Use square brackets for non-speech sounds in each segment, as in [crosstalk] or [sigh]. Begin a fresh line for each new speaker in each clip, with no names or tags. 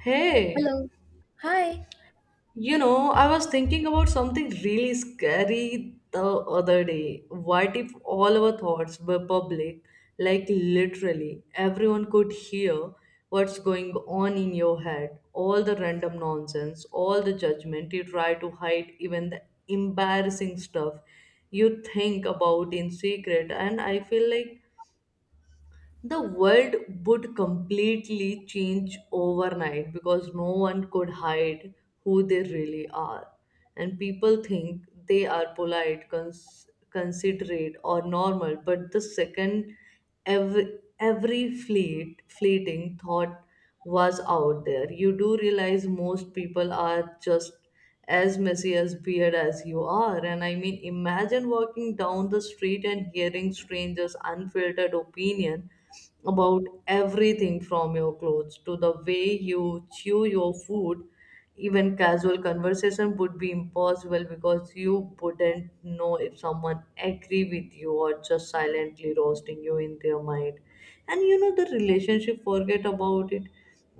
Hey,
Hello. Hi.
you know, I was thinking about something really scary the other day. What if all our thoughts were public? Like, literally, everyone could hear what's going on in your head. All the random nonsense, all the judgment you try to hide, even the embarrassing stuff you think about in secret. And I feel like the world would completely change overnight because no one could hide who they really are. And people think they are polite, considerate, or normal, but the second fleeting thought was out there, you do realize most people are just as messy as weird as you are. And I mean, imagine walking down the street and hearing strangers' unfiltered opinion about everything from your clothes to the way you chew your food. Even casual conversation would be impossible because you wouldn't know if someone agree with you or just silently roasting you in their mind. And you know the relationship forget about it.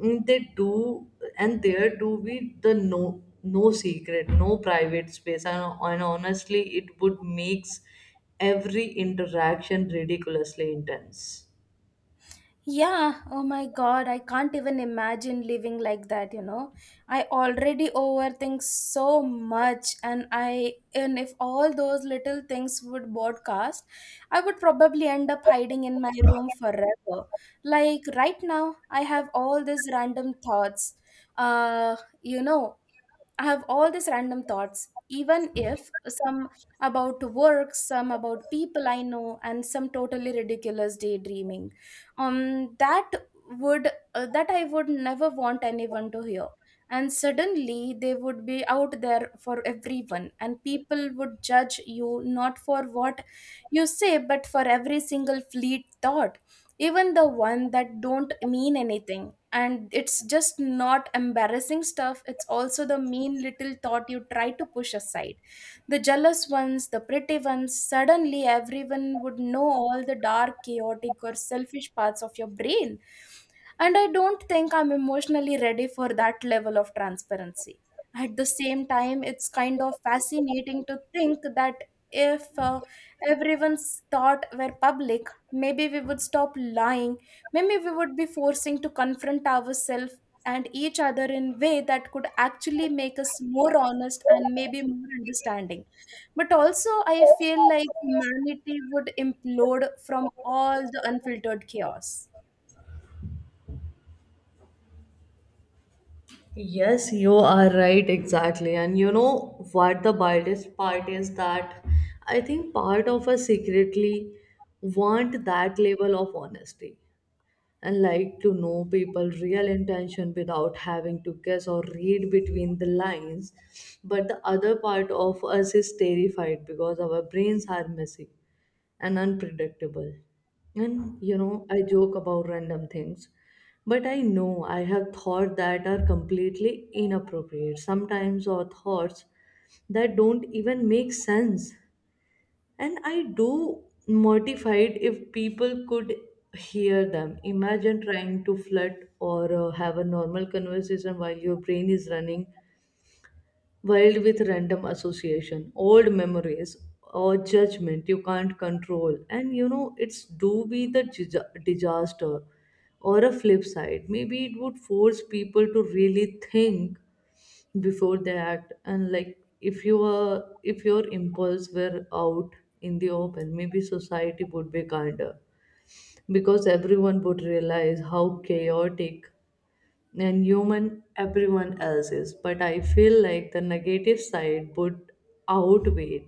Mm, they do, and there do be the no, no secret, no private space, and, honestly it would makes every interaction ridiculously intense.
Yeah. Oh my God. I can't even imagine living like that. I already overthink so much and if all those little things would broadcast, I would probably end up hiding in my room forever. Like right now, I have all these random thoughts. Uh, you know, I have all these random thoughts, even if some about work, some about people I know, and some totally ridiculous daydreaming. Um, that that I would never want anyone to hear. And suddenly they would be out there for everyone, and people would judge you not for what you say, but for every single fleet thought, even the one that don't mean anything. And it's just not embarrassing stuff, it's also the mean little thought you try to push aside, the jealous ones, the pretty ones. Suddenly everyone would know all the dark, chaotic, or selfish parts of your brain, and I don't think I'm emotionally ready for that level of transparency. At the same time, it's kind of fascinating to think that if everyone's thought were public, maybe we would stop lying. Maybe we would be forcing to confront ourselves and each other in way that could actually make us more honest and maybe more understanding. But also, I feel like humanity would implode from all the unfiltered chaos.
Yes, you are right, exactly. And you know what the wildest part is? That I think part of us secretly want that level of honesty and like to know people real intention without having to guess or read between the lines. But the other part of us is terrified because our brains are messy and unpredictable. And you know, I joke about random things, but I know I have thoughts that are completely inappropriate sometimes, or thoughts that don't even make sense. And I do mortified if people could hear them. Imagine trying to flirt or have a normal conversation while your brain is running wild with random association, old memories, or judgment you can't control. And you know, it's do be the disaster or a flip side. Maybe it would force people to really think before they act. And like, if you were, if your impulse were out in the open, maybe society would be kinder because everyone would realize how chaotic and human everyone else is. But I feel like the negative side would outweigh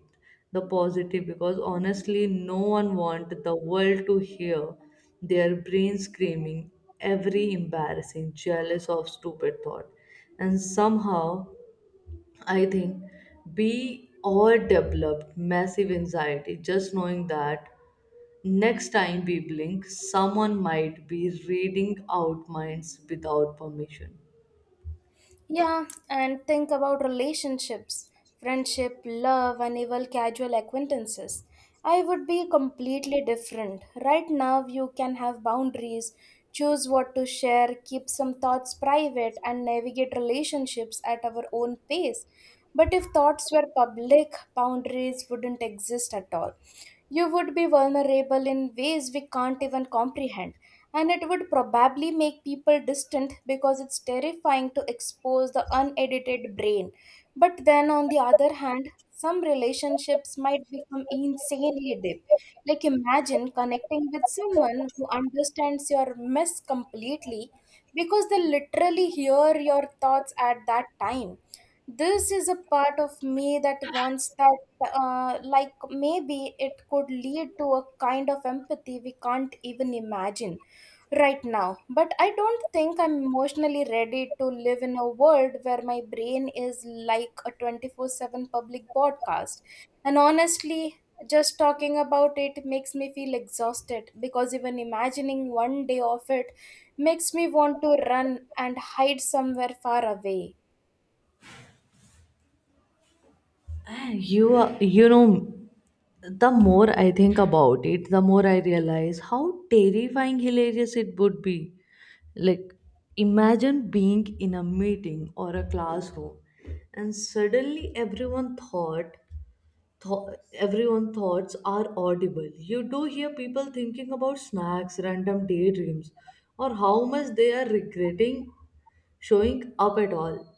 the positive because honestly, no one wants the world to hear their brain screaming every embarrassing, jealous of stupid thought. And somehow, I think we all developed massive anxiety just knowing that next time we blink, someone might be reading out minds without permission.
Yeah, and think about relationships, friendship, love, and even casual acquaintances. I would be completely different. Right now, you can have boundaries, choose what to share, keep some thoughts private, and navigate relationships at our own pace. But if thoughts were public, boundaries wouldn't exist at all. You would be vulnerable in ways we can't even comprehend, and it would probably make people distant because it's terrifying to expose the unedited brain. But then, on the other hand, some relationships might become insanely deep. Like, imagine connecting with someone who understands your mess completely because they literally hear your thoughts at that time. This is a part of me that wants that, like, maybe it could lead to a kind of empathy we can't even imagine right now. But I don't think I'm emotionally ready to live in a world where my brain is like a 24/7 public broadcast. And honestly, just talking about it makes me feel exhausted because even imagining one day of it makes me want to run and hide somewhere far away.
And you are, you know, the more I think about it, the more I realize how terrifying hilarious it would be. Like, imagine being in a meeting or a classroom, and suddenly everyone thoughts are audible. You do hear people thinking about snacks, random daydreams, or how much they are regretting showing up at all,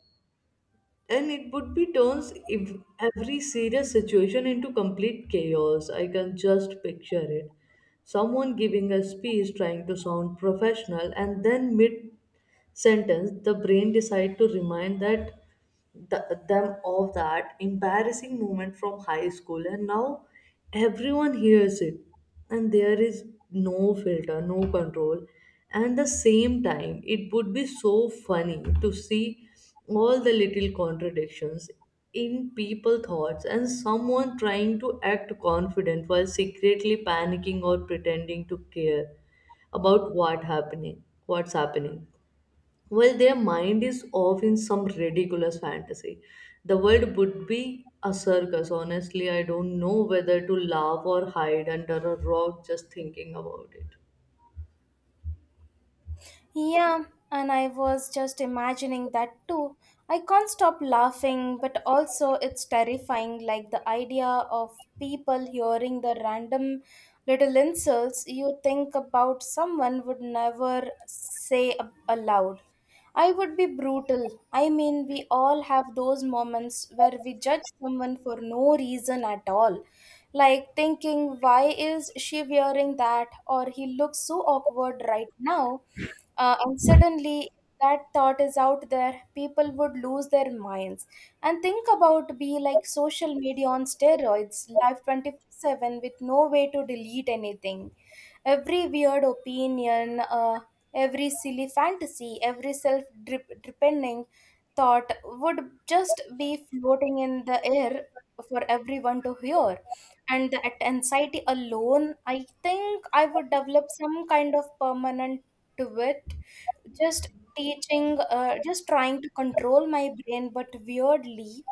and it would be turns every serious situation into complete chaos. I can just picture it. Someone giving a speech trying to sound professional, and then mid sentence, the brain decide to remind them of that embarrassing moment from high school, and now everyone hears it, and there is no filter, no control. And the same time, it would be so funny to see all the little contradictions in people thoughts, and someone trying to act confident while secretly panicking or pretending to care about what's happening, well, their mind is off in some ridiculous fantasy. The world would be a circus. Honestly, I don't know whether to laugh or hide under a rock just thinking about it.
Yeah, and I was just imagining that too. I can't stop laughing, but also it's terrifying, like the idea of people hearing the random little insults you think about someone would never say aloud. I would be brutal. I mean, we all have those moments where we judge someone for no reason at all. Like thinking, why is she wearing that? Or he looks so awkward right now. And suddenly, that thought is out there, people would lose their minds. And think about be like social media on steroids, live 24/7 with no way to delete anything. Every weird opinion, every silly fantasy, every self depending thought would just be floating in the air for everyone to hear. And that anxiety alone, I think I would develop some kind of permanent to it, just teaching, just trying to control my brain. But weirdly,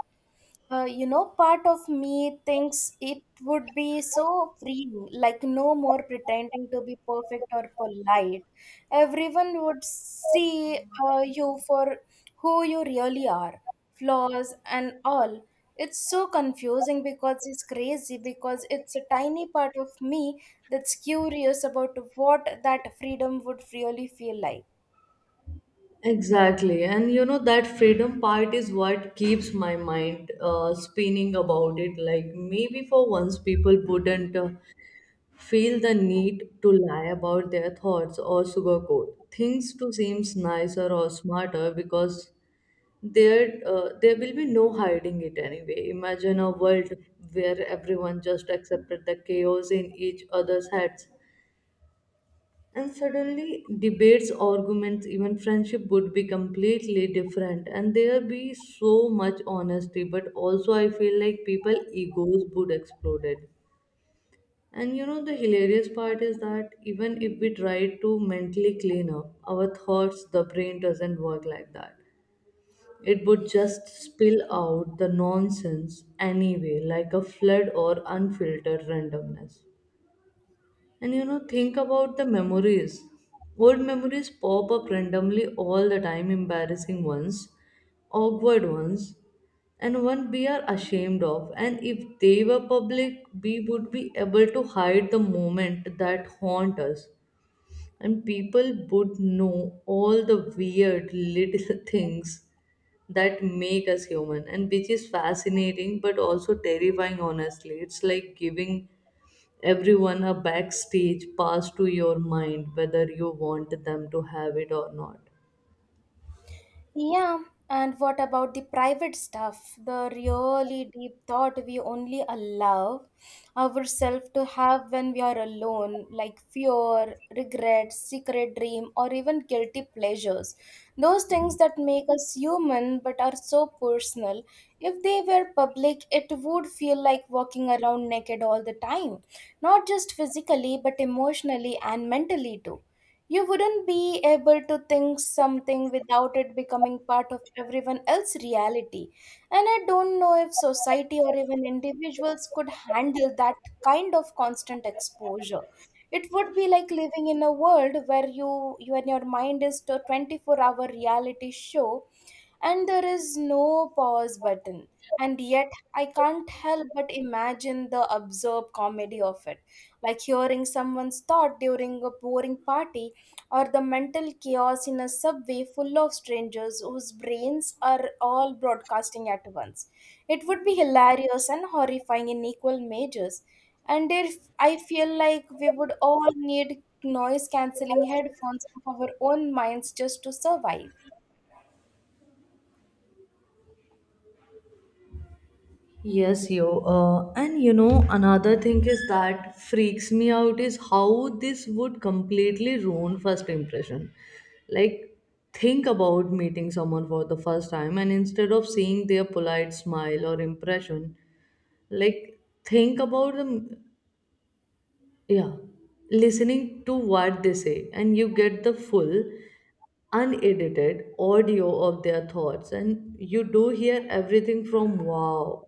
part of me thinks it would be so freeing, like no more pretending to be perfect or polite. Everyone would see you for who you really are, flaws and all. It's so confusing because it's crazy, because it's a tiny part of me that's curious about what that freedom would really feel like.
Exactly. And you know, that freedom part is what keeps my mind spinning about it. Like, maybe for once people wouldn't feel the need to lie about their thoughts or sugarcoat things to seem nicer or smarter, because there will be no hiding it anyway. Imagine a world where everyone just accepted the chaos in each other's heads, and suddenly debates, arguments, even friendship would be completely different, and there be so much honesty. But also, I feel like people egos would explode it. And you know, the hilarious part is that even if we try to mentally clean up our thoughts, the brain doesn't work like that. It would just spill out the nonsense anyway, like a flood or unfiltered randomness. And you know, think about the memories. Old memories pop up randomly all the time, embarrassing ones, awkward ones, and one we are ashamed of. And if they were public, we would be able to hide the moment that haunt us. And people would know all the weird little [laughs] things that make us human, and which is fascinating but also terrifying. Honestly, it's like giving everyone a backstage pass to your mind, whether you want them to have it or not.
Yeah, and what about the private stuff? The really deep thought we only allow ourselves to have when we are alone, like fear, regret, secret dream, or even guilty pleasures. Those things that make us human but are so personal. If they were public, it would feel like walking around naked all the time, not just physically but emotionally and mentally too. You wouldn't be able to think something without it becoming part of everyone else's reality. And I don't know if society or even individuals could handle that kind of constant exposure. It would be like living in a world where you and your mind is a 24-hour reality show and there is no pause button. And yet, I can't help but imagine the absurd comedy of it. Like hearing someone's thought during a boring party or the mental chaos in a subway full of strangers whose brains are all broadcasting at once. It would be hilarious and horrifying in equal measures. And if I feel like we would all need noise cancelling headphones of our own minds just to survive.
Yes, yo. And you know, another thing is that freaks me out is how this would completely ruin first impression. Like, think about meeting someone for the first time, and instead of seeing their polite smile or impression, like, think about them. Yeah, listening to what they say, and you get the full unedited audio of their thoughts, and you do hear everything from wow,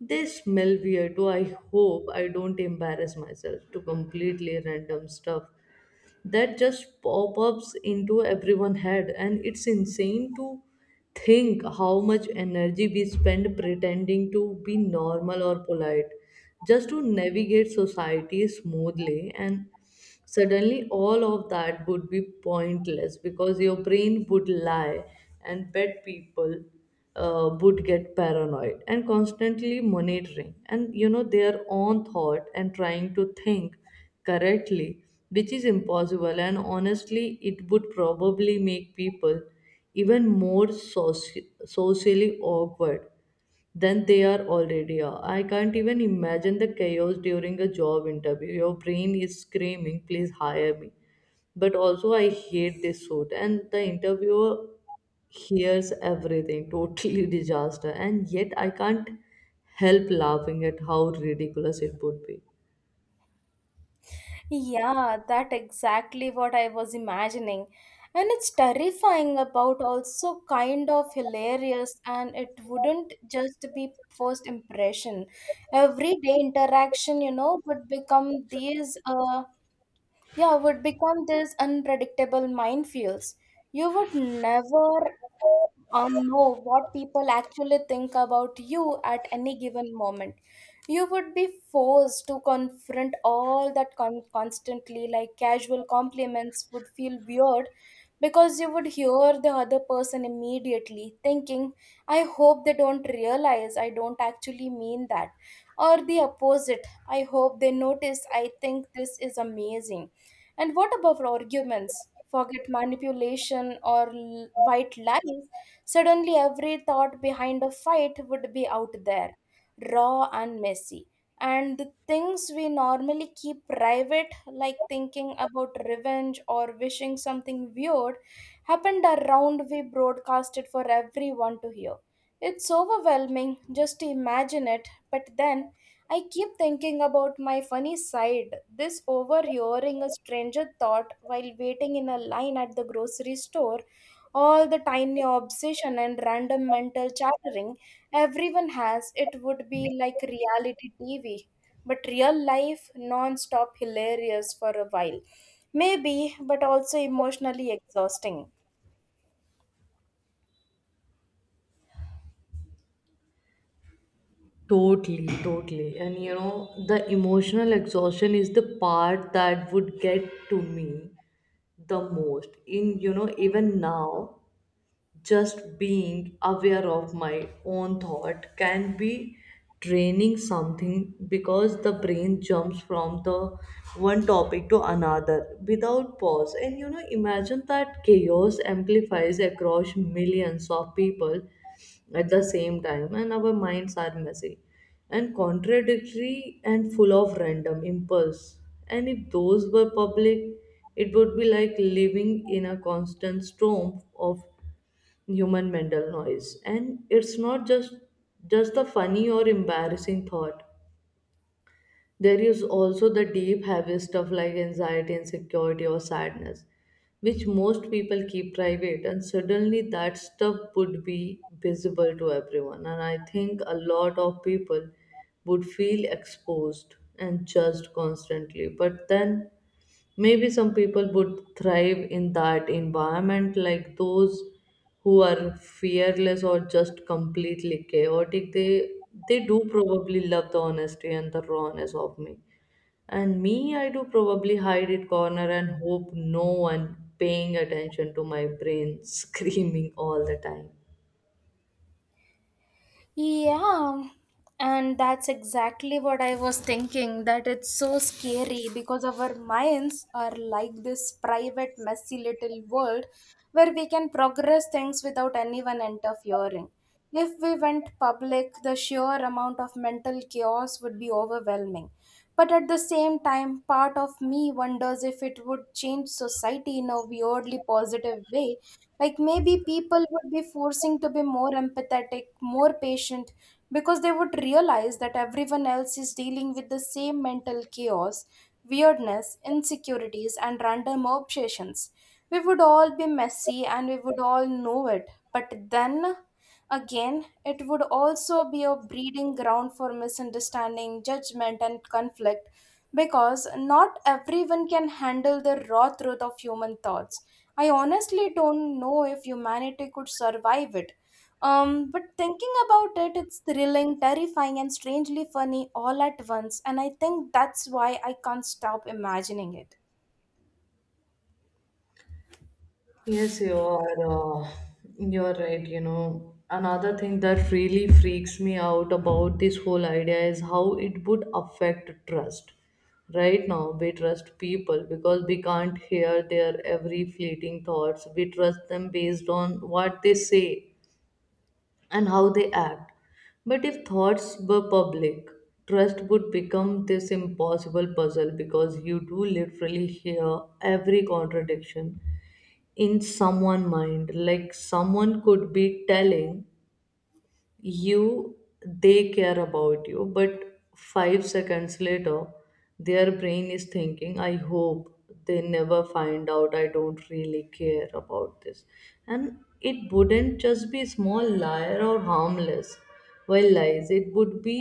they smell weird, to I hope I don't embarrass myself, to completely random stuff that just pop ups into everyone's head. And it's insane to think how much energy we spend pretending to be normal or polite just to navigate society smoothly. And suddenly all of that would be pointless because your brain would lie. And bad people would get paranoid and constantly monitoring, and you know, their own thought, and trying to think correctly, which is impossible. And honestly, it would probably make people even more socially awkward than they are already are. I can't even imagine the chaos during a job interview. Your brain is screaming, please hire me. But also, I hate this suit. And the interviewer hears everything, totally [laughs] disaster. And yet, I can't help laughing at how ridiculous it would be.
Yeah, that exactly what I was imagining. And it's terrifying about also kind of hilarious, and it wouldn't just be first impression. Everyday interaction, would become these unpredictable minefields. You would never or know what people actually think about you at any given moment. You would be forced to confront all that constantly, like casual compliments would feel weird because you would hear the other person immediately thinking, I hope they don't realize I don't actually mean that. Or the opposite, I hope they notice I think this is amazing. And what about arguments? Forget manipulation or white lies. Suddenly, every thought behind a fight would be out there, raw and messy. And the things we normally keep private, like thinking about revenge or wishing something weird, happened around we broadcasted for everyone to hear. It's overwhelming just to imagine it, but then I keep thinking about my funny side, this overhearing a stranger thought while waiting in a line at the grocery store, all the tiny obsession and random mental chattering everyone has. It would be like reality TV, but real life non-stop hilarious for a while. Maybe, but also emotionally exhausting.
Totally, totally. And you know, the emotional exhaustion is the part that would get to me the most. In, you know, even now, just being aware of my own thought can be draining something because the brain jumps from the one topic to another without pause. And you know, imagine that chaos amplifies across millions of people at the same time. And our minds are messy and contradictory and full of random impulse. And if those were public, it would be like living in a constant storm of human mental noise. And it's not just the funny or embarrassing thought. There is also the deep heavy stuff like anxiety, insecurity, or sadness, which most people keep private. And suddenly that stuff would be visible to everyone. And I think a lot of people would feel exposed and judged constantly. But then maybe some people would thrive in that environment, like those who are fearless or just completely chaotic. They do probably love the honesty and the rawness of me, and me, I do probably hide it corner and hope no one paying attention to my brain [laughs] screaming all the time.
Yeah, and that's exactly what I was thinking, that it's so scary because our minds are like this private, messy little world where we can progress things without anyone interfering. If we went public, the sheer amount of mental chaos would be overwhelming. But at the same time, part of me wonders if it would change society in a weirdly positive way. Like maybe people would be forcing to be more empathetic, more patient, because they would realize that everyone else is dealing with the same mental chaos, weirdness, insecurities, and random obsessions. We would all be messy and we would all know it. But then again, it would also be a breeding ground for misunderstanding, judgment, and conflict because not everyone can handle the raw truth of human thoughts. I honestly don't know if humanity could survive it. But thinking about it, it's thrilling, terrifying, and strangely funny all at once, and I think that's why I can't stop imagining it.
Yes, you are. Uh, you're right. You know, another thing that really freaks me out about this whole idea is how it would affect trust. Right now, we trust people because we can't hear their every fleeting thoughts. We trust them based on what they say and how they act. But if thoughts were public, trust would become this impossible puzzle, because you do literally hear every contradiction in someone mind. Like, someone could be telling you they care about you, but 5 seconds later their brain is thinking, I hope they never find out I don't really care about this. And it wouldn't just be small liar or harmless well lies. It would be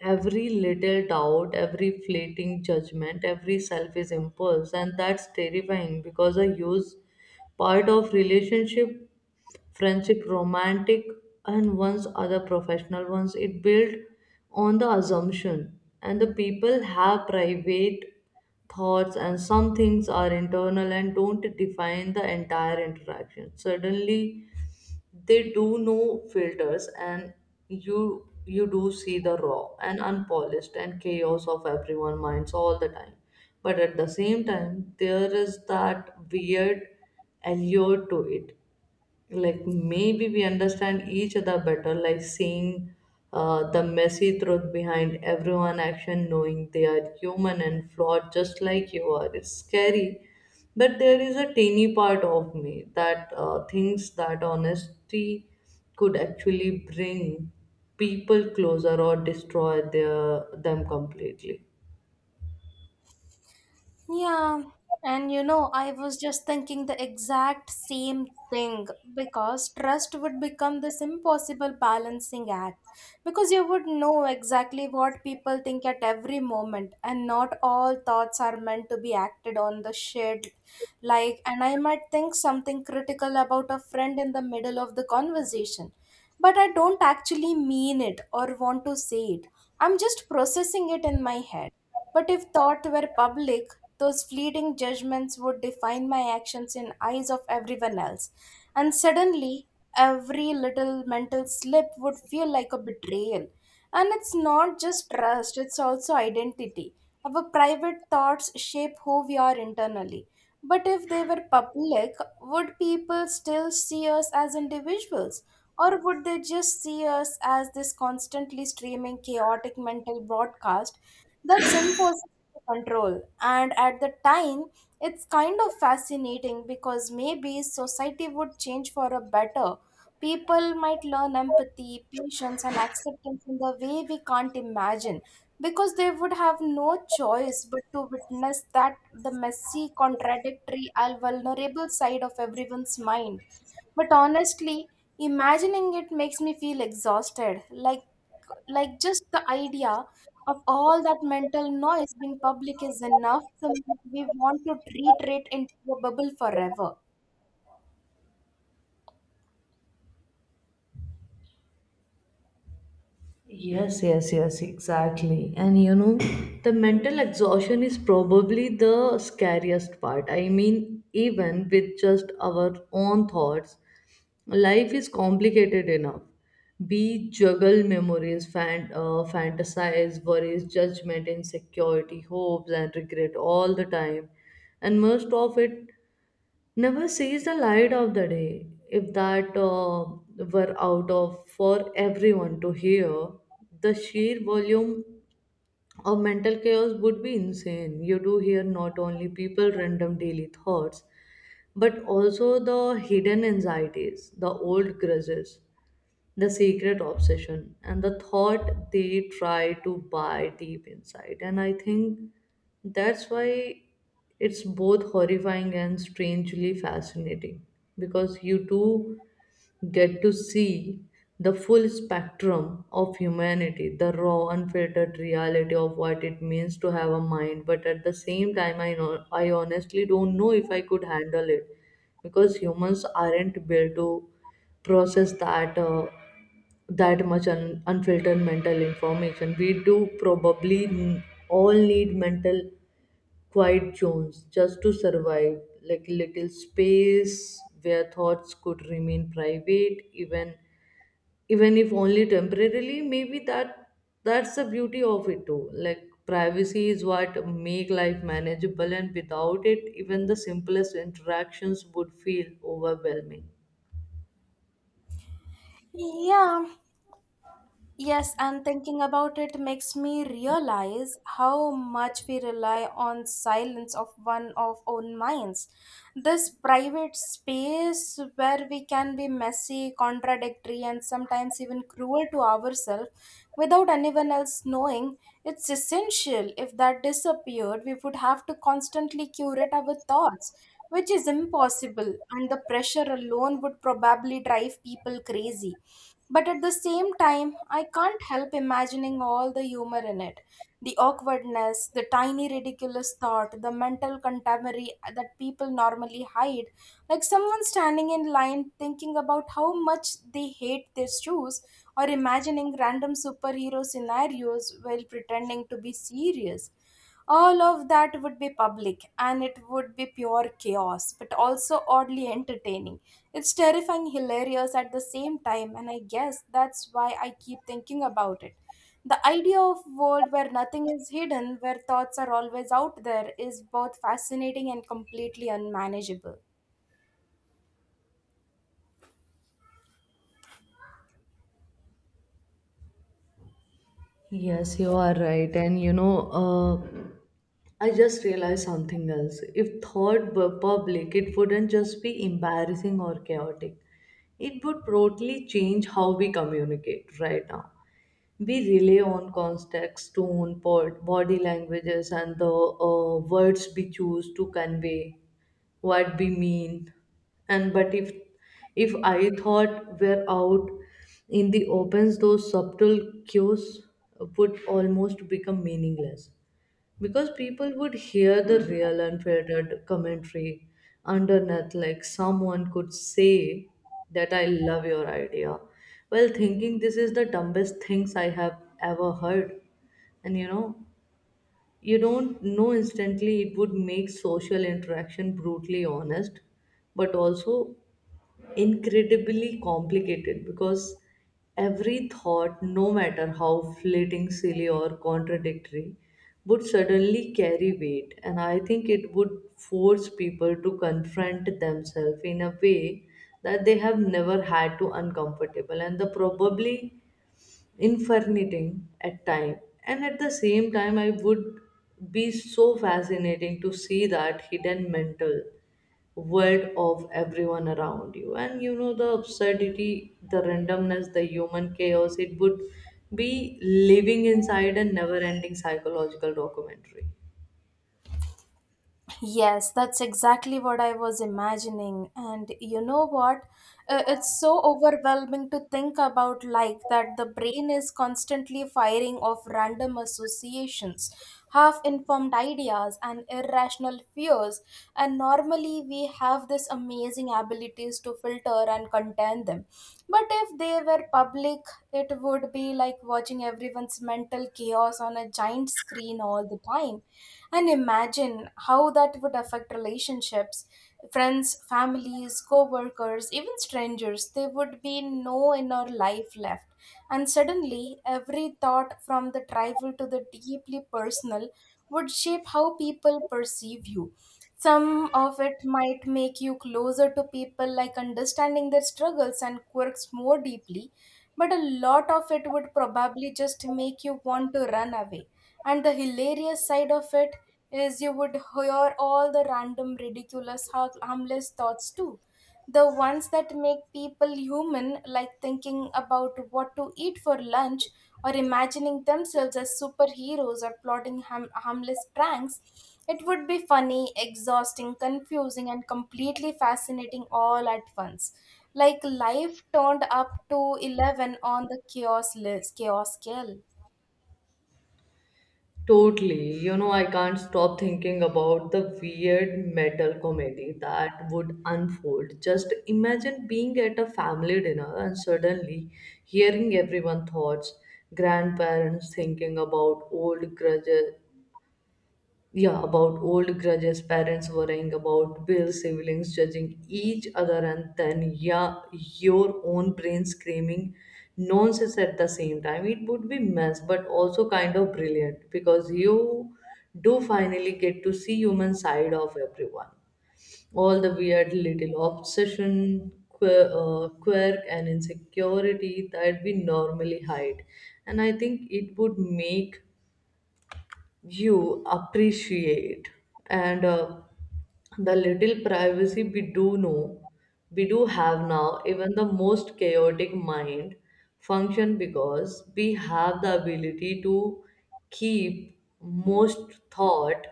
every little doubt, every fleeting judgment, every selfish impulse. And that's terrifying, because a huge part of relationship, friendship, romantic, and one's other professional ones, it built on the assumption and the people have private thoughts, and some things are internal and don't define the entire interaction. Suddenly they do no filters, and you you do see the raw and unpolished and chaos of everyone minds all the time. But at the same time, there is that weird allure to it. Like, maybe we understand each other better, like seeing the messy truth behind everyone action, knowing they are human and flawed just like you are. It's scary, but there is a teeny part of me that thinks that honesty could actually bring people closer or destroy their them completely.
Yeah, and I was just thinking the exact same thing because trust would become this impossible balancing act because you would know exactly what people think at every moment, and not all thoughts are meant to be acted on the shared, like, and I might think something critical about a friend in the middle of the conversation, but I don't actually mean it or want to say it. I'm just processing it in my head. But if thought were public, those fleeting judgments would define my actions in eyes of everyone else. And suddenly, every little mental slip would feel like a betrayal. And it's not just trust, it's also identity. Our private thoughts shape who we are internally. But if they were public, would people still see us as individuals? Or would they just see us as this constantly streaming chaotic mental broadcast that's impossible to control. And at the time, it's kind of fascinating because maybe society would change for a better. People might learn empathy, patience, and acceptance in the way we can't imagine because they would have no choice but to witness that the messy, contradictory, and vulnerable side of everyone's mind. But honestly, imagining it makes me feel exhausted. Like just the idea of all that mental noise, being public is enough to make we want to retreat into a bubble forever.
Yes, yes, yes, exactly. And you know, the mental exhaustion is probably the scariest part. I mean, even with just our own thoughts, life is complicated enough. We juggle memories, fantasize, worries, judgment, insecurity, hopes, and regret all the time. And most of it never sees the light of the day. If that were out of for everyone to hear, the sheer volume of mental chaos would be insane. You do hear not only people random daily thoughts, but also the hidden anxieties, the old grudges, the secret obsession and the thought they try to buy deep inside. And I think that's why it's both horrifying and strangely fascinating because you do get to see the full spectrum of humanity, the raw, unfiltered reality of what it means to have a mind. But at the same time, I know I honestly don't know if I could handle it because humans aren't built to process that. That much unfiltered mental information. We do probably all need mental quiet zones just to survive, like little space where thoughts could remain private, even if only temporarily. Maybe that's the beauty of it too. Like privacy is what make life manageable, and without it, even the simplest interactions would feel overwhelming.
Yeah, yes, and thinking about it makes me realize how much we rely on silence of one of own minds. This private space where we can be messy, contradictory, and sometimes even cruel to ourselves without anyone else knowing, it's essential. If that disappeared, we would have to constantly curate our thoughts, which is impossible, and the pressure alone would probably drive people crazy. But at the same time, I can't help imagining all the humor in it, the awkwardness, the tiny ridiculous thought, the mental contemporary that people normally hide, like someone standing in line thinking about how much they hate their shoes, or imagining random superhero scenarios while pretending to be serious. All of that would be public, and it would be pure chaos but also oddly entertaining. It's terrifying, hilarious at the same time, and I guess that's why I keep thinking about it. The idea of world where nothing is hidden, where thoughts are always out there, is both fascinating and completely unmanageable.
Yes, you are right. And you know, I just realized something else. If thought were public, it wouldn't just be embarrassing or chaotic. It would totally change how we communicate right now. We rely on context, tone, pod, body languages, and the words we choose to convey what we mean. And but if I thought were out in the opens, those subtle cues would almost become meaningless because people would hear the real unfiltered commentary underneath, like someone could say that I love your idea while thinking this is the dumbest things I have ever heard. And you know, you don't know instantly it would make social interaction brutally honest, but also incredibly complicated because every thought, no matter how fleeting, silly, or contradictory, would suddenly carry weight. And I think it would force people to confront themselves in a way that they have never had to, uncomfortable and the probably infernitating at time. And at the same time, I would be so fascinating to see that hidden mental world of everyone around you. And you know, the absurdity, the randomness, the human chaos, it would be living inside a never ending psychological documentary.
Yes, that's exactly what I was imagining. And you know what? It's so overwhelming to think about, like that the brain is constantly firing off random associations, half informed ideas, and irrational fears. And normally we have this amazing abilities to filter and contain them. But if they were public, think it would be like watching everyone's mental chaos on a giant screen all the time. And imagine how that would affect relationships, friends, families, co workers, even strangers. There would be no inner life left. And suddenly, every thought from the trivial to the deeply personal would shape how people perceive you. Some of it might make you closer to people, like understanding their struggles and quirks more deeply, but a lot of it would probably just make you want to run away. And the hilarious side of it is you would hear all the random, ridiculous, harmless thoughts too. The ones that make people human, like thinking about what to eat for lunch, or imagining themselves as superheroes, or plotting harmless pranks. It would be funny, exhausting, confusing, and completely fascinating all at once. Like life turned up to 11 on the chaos list, chaos scale.
Totally. You know, I can't stop thinking about the weird metal comedy that would unfold. Just imagine being at a family dinner and suddenly hearing everyone's thoughts, grandparents thinking about old grudges, yeah, about old grudges, parents worrying about bills, siblings judging each other, and then yeah, your own brain screaming nonsense at the same time. It would be mess, but also kind of brilliant because you do finally get to see human side of everyone. All the weird little obsession, quirk and insecurity that we normally hide, and I think it would make you appreciate and the little privacy we do know we do have now. Even the most chaotic mind function because we have the ability to keep most thought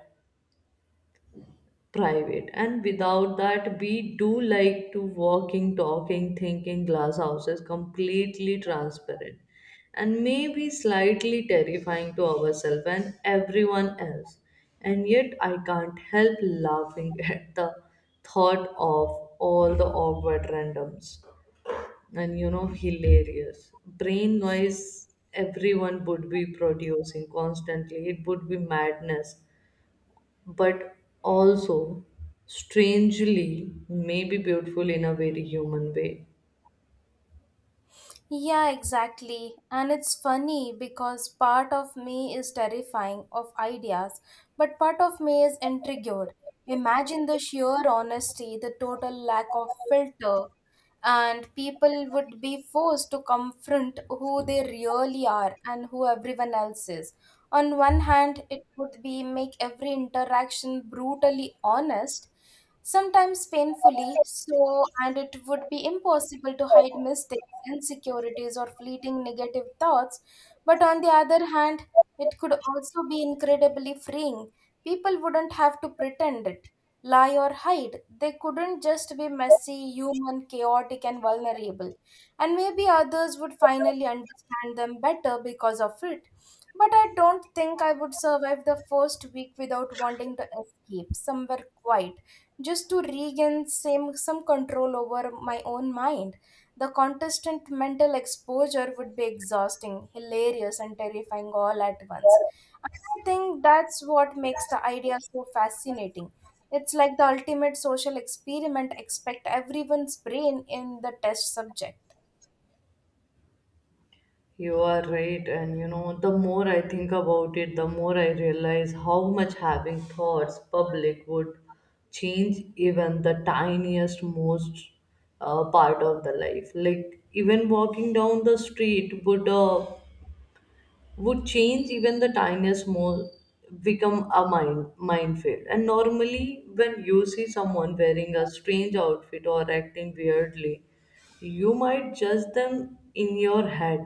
private, and without that we do like to walking talking thinking glass houses, completely transparent and maybe slightly terrifying to ourselves and everyone else. And yet I can't help laughing [laughs] at the thought of all the awkward randoms and you know, hilarious brain noise everyone would be producing constantly. It would be madness, but also strangely maybe beautiful in a very human way.
Yeah, exactly. And it's funny because part of me is terrifying of ideas, but part of me is intrigued. Imagine the sheer honesty, the total lack of filter, and people would be forced to confront who they really are and who everyone else is. On one hand, it would be make every interaction brutally honest, sometimes painfully so, and it would be impossible to hide mistakes, insecurities, or fleeting negative thoughts. But on the other hand, it could also be incredibly freeing. People wouldn't have to pretend it, lie, or hide. They couldn't just be messy, human, chaotic, and vulnerable. And maybe others would finally understand them better because of it. But I don't think I would survive the first week without wanting to escape somewhere quiet, just to regain same some control over my own mind. The contestant' mental exposure would be exhausting, hilarious, and terrifying all at once. And I think that's what makes the idea so fascinating. It's like the ultimate social experiment, expect everyone's brain in the test subject.
You are right, and you know, the more I think about it, the more I realize how much having thoughts public would change even the tiniest most part of the life. Like even walking down the street would change even the tiniest mole, become a minefield. And normally when you see someone wearing a strange outfit or acting weirdly, you might judge them in your head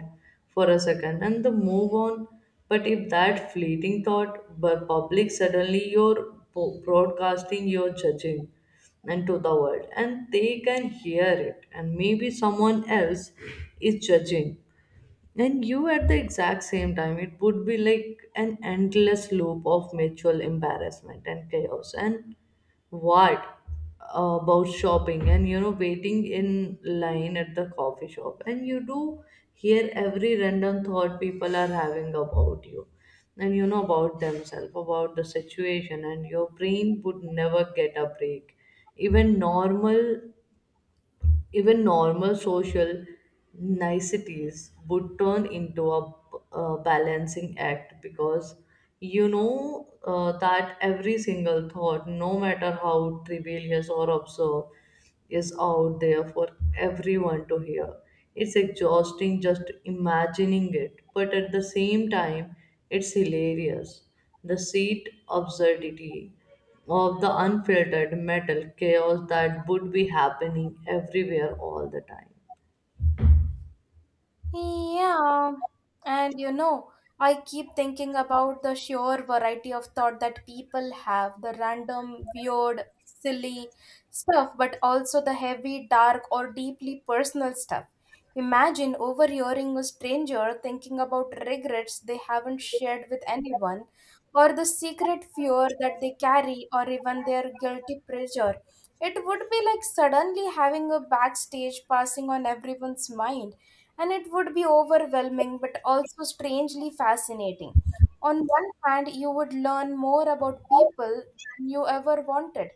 for a second and then move on. But if that fleeting thought were public, suddenly you're broadcasting your judging and to the world, and they can hear it, and maybe someone else is judging and you at the exact same time. It would be like an endless loop of mutual embarrassment and chaos. And what about shopping and you know, waiting in line at the coffee shop? And you do hear every random thought people are having about you and you know, about themselves, about the situation, and your brain would never get a break. Even normal even normal social niceties would turn into a balancing act because you know that every single thought, no matter how trivial or absurd, is out there for everyone to hear. It's exhausting just imagining it, but at the same time, it's hilarious. The seat absurdity of the unfiltered metal chaos that would be happening everywhere all the time.
Yeah, and you know, I keep thinking about the sheer variety of thought that people have, the random, weird, silly stuff, but also the heavy, dark, or deeply personal stuff. Imagine overhearing a stranger thinking about regrets they haven't shared with anyone, or the secret fear that they carry, or even their guilty pleasure. It would be like suddenly having a backstage passing on everyone's mind, and it would be overwhelming but also strangely fascinating. On one hand, you would learn more about people than you ever wanted,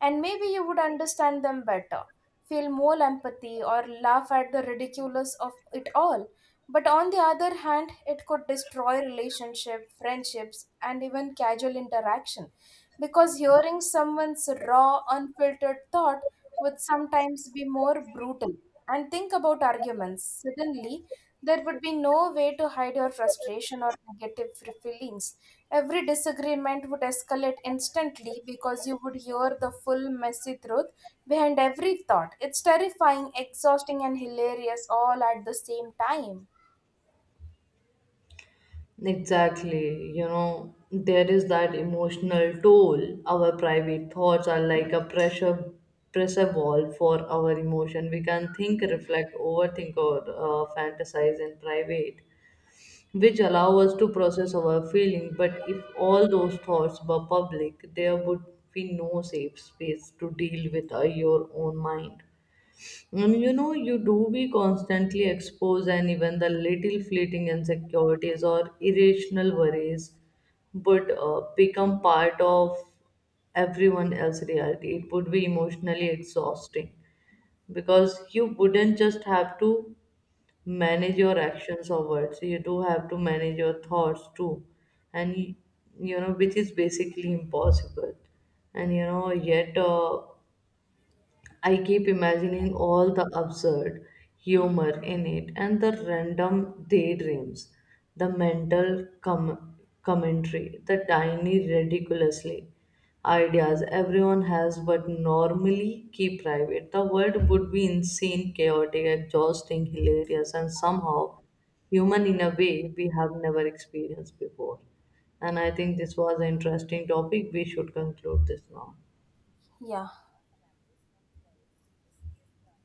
and maybe you would understand them better, feel more empathy, or laugh at the ridiculous of it all. But on the other hand, it could destroy relationship, friendships, and even casual interaction because hearing someone's raw, unfiltered thought would sometimes be more brutal. And think about arguments. Suddenly, there would be no way to hide your frustration or negative feelings. Every disagreement would escalate instantly because you would hear the full messy truth behind every thought. It's terrifying, exhausting, and hilarious all at the same time.
Exactly. You know, there is that emotional toll. Our private thoughts are like a pressure wall for our emotion. We can think, reflect, overthink, or fantasize in private, which allow us to process our feeling. But if all those thoughts were public, there would be no safe space to deal with your own mind. And you know, you do be constantly exposed, and even the little fleeting insecurities or irrational worries would become part of everyone else's reality. It would be emotionally exhausting because you wouldn't just have to manage your actions or words, you do have to manage your thoughts too, and you know, which is basically impossible. And you know yet I keep imagining all the absurd humor in it, and the random daydreams, the mental commentary, the tiny, ridiculously ideas everyone has but normally keep private. The world would be insane, chaotic, exhausting, hilarious, and somehow human in a way we have never experienced before. And I think this was an interesting topic. We should conclude this now.
Yeah.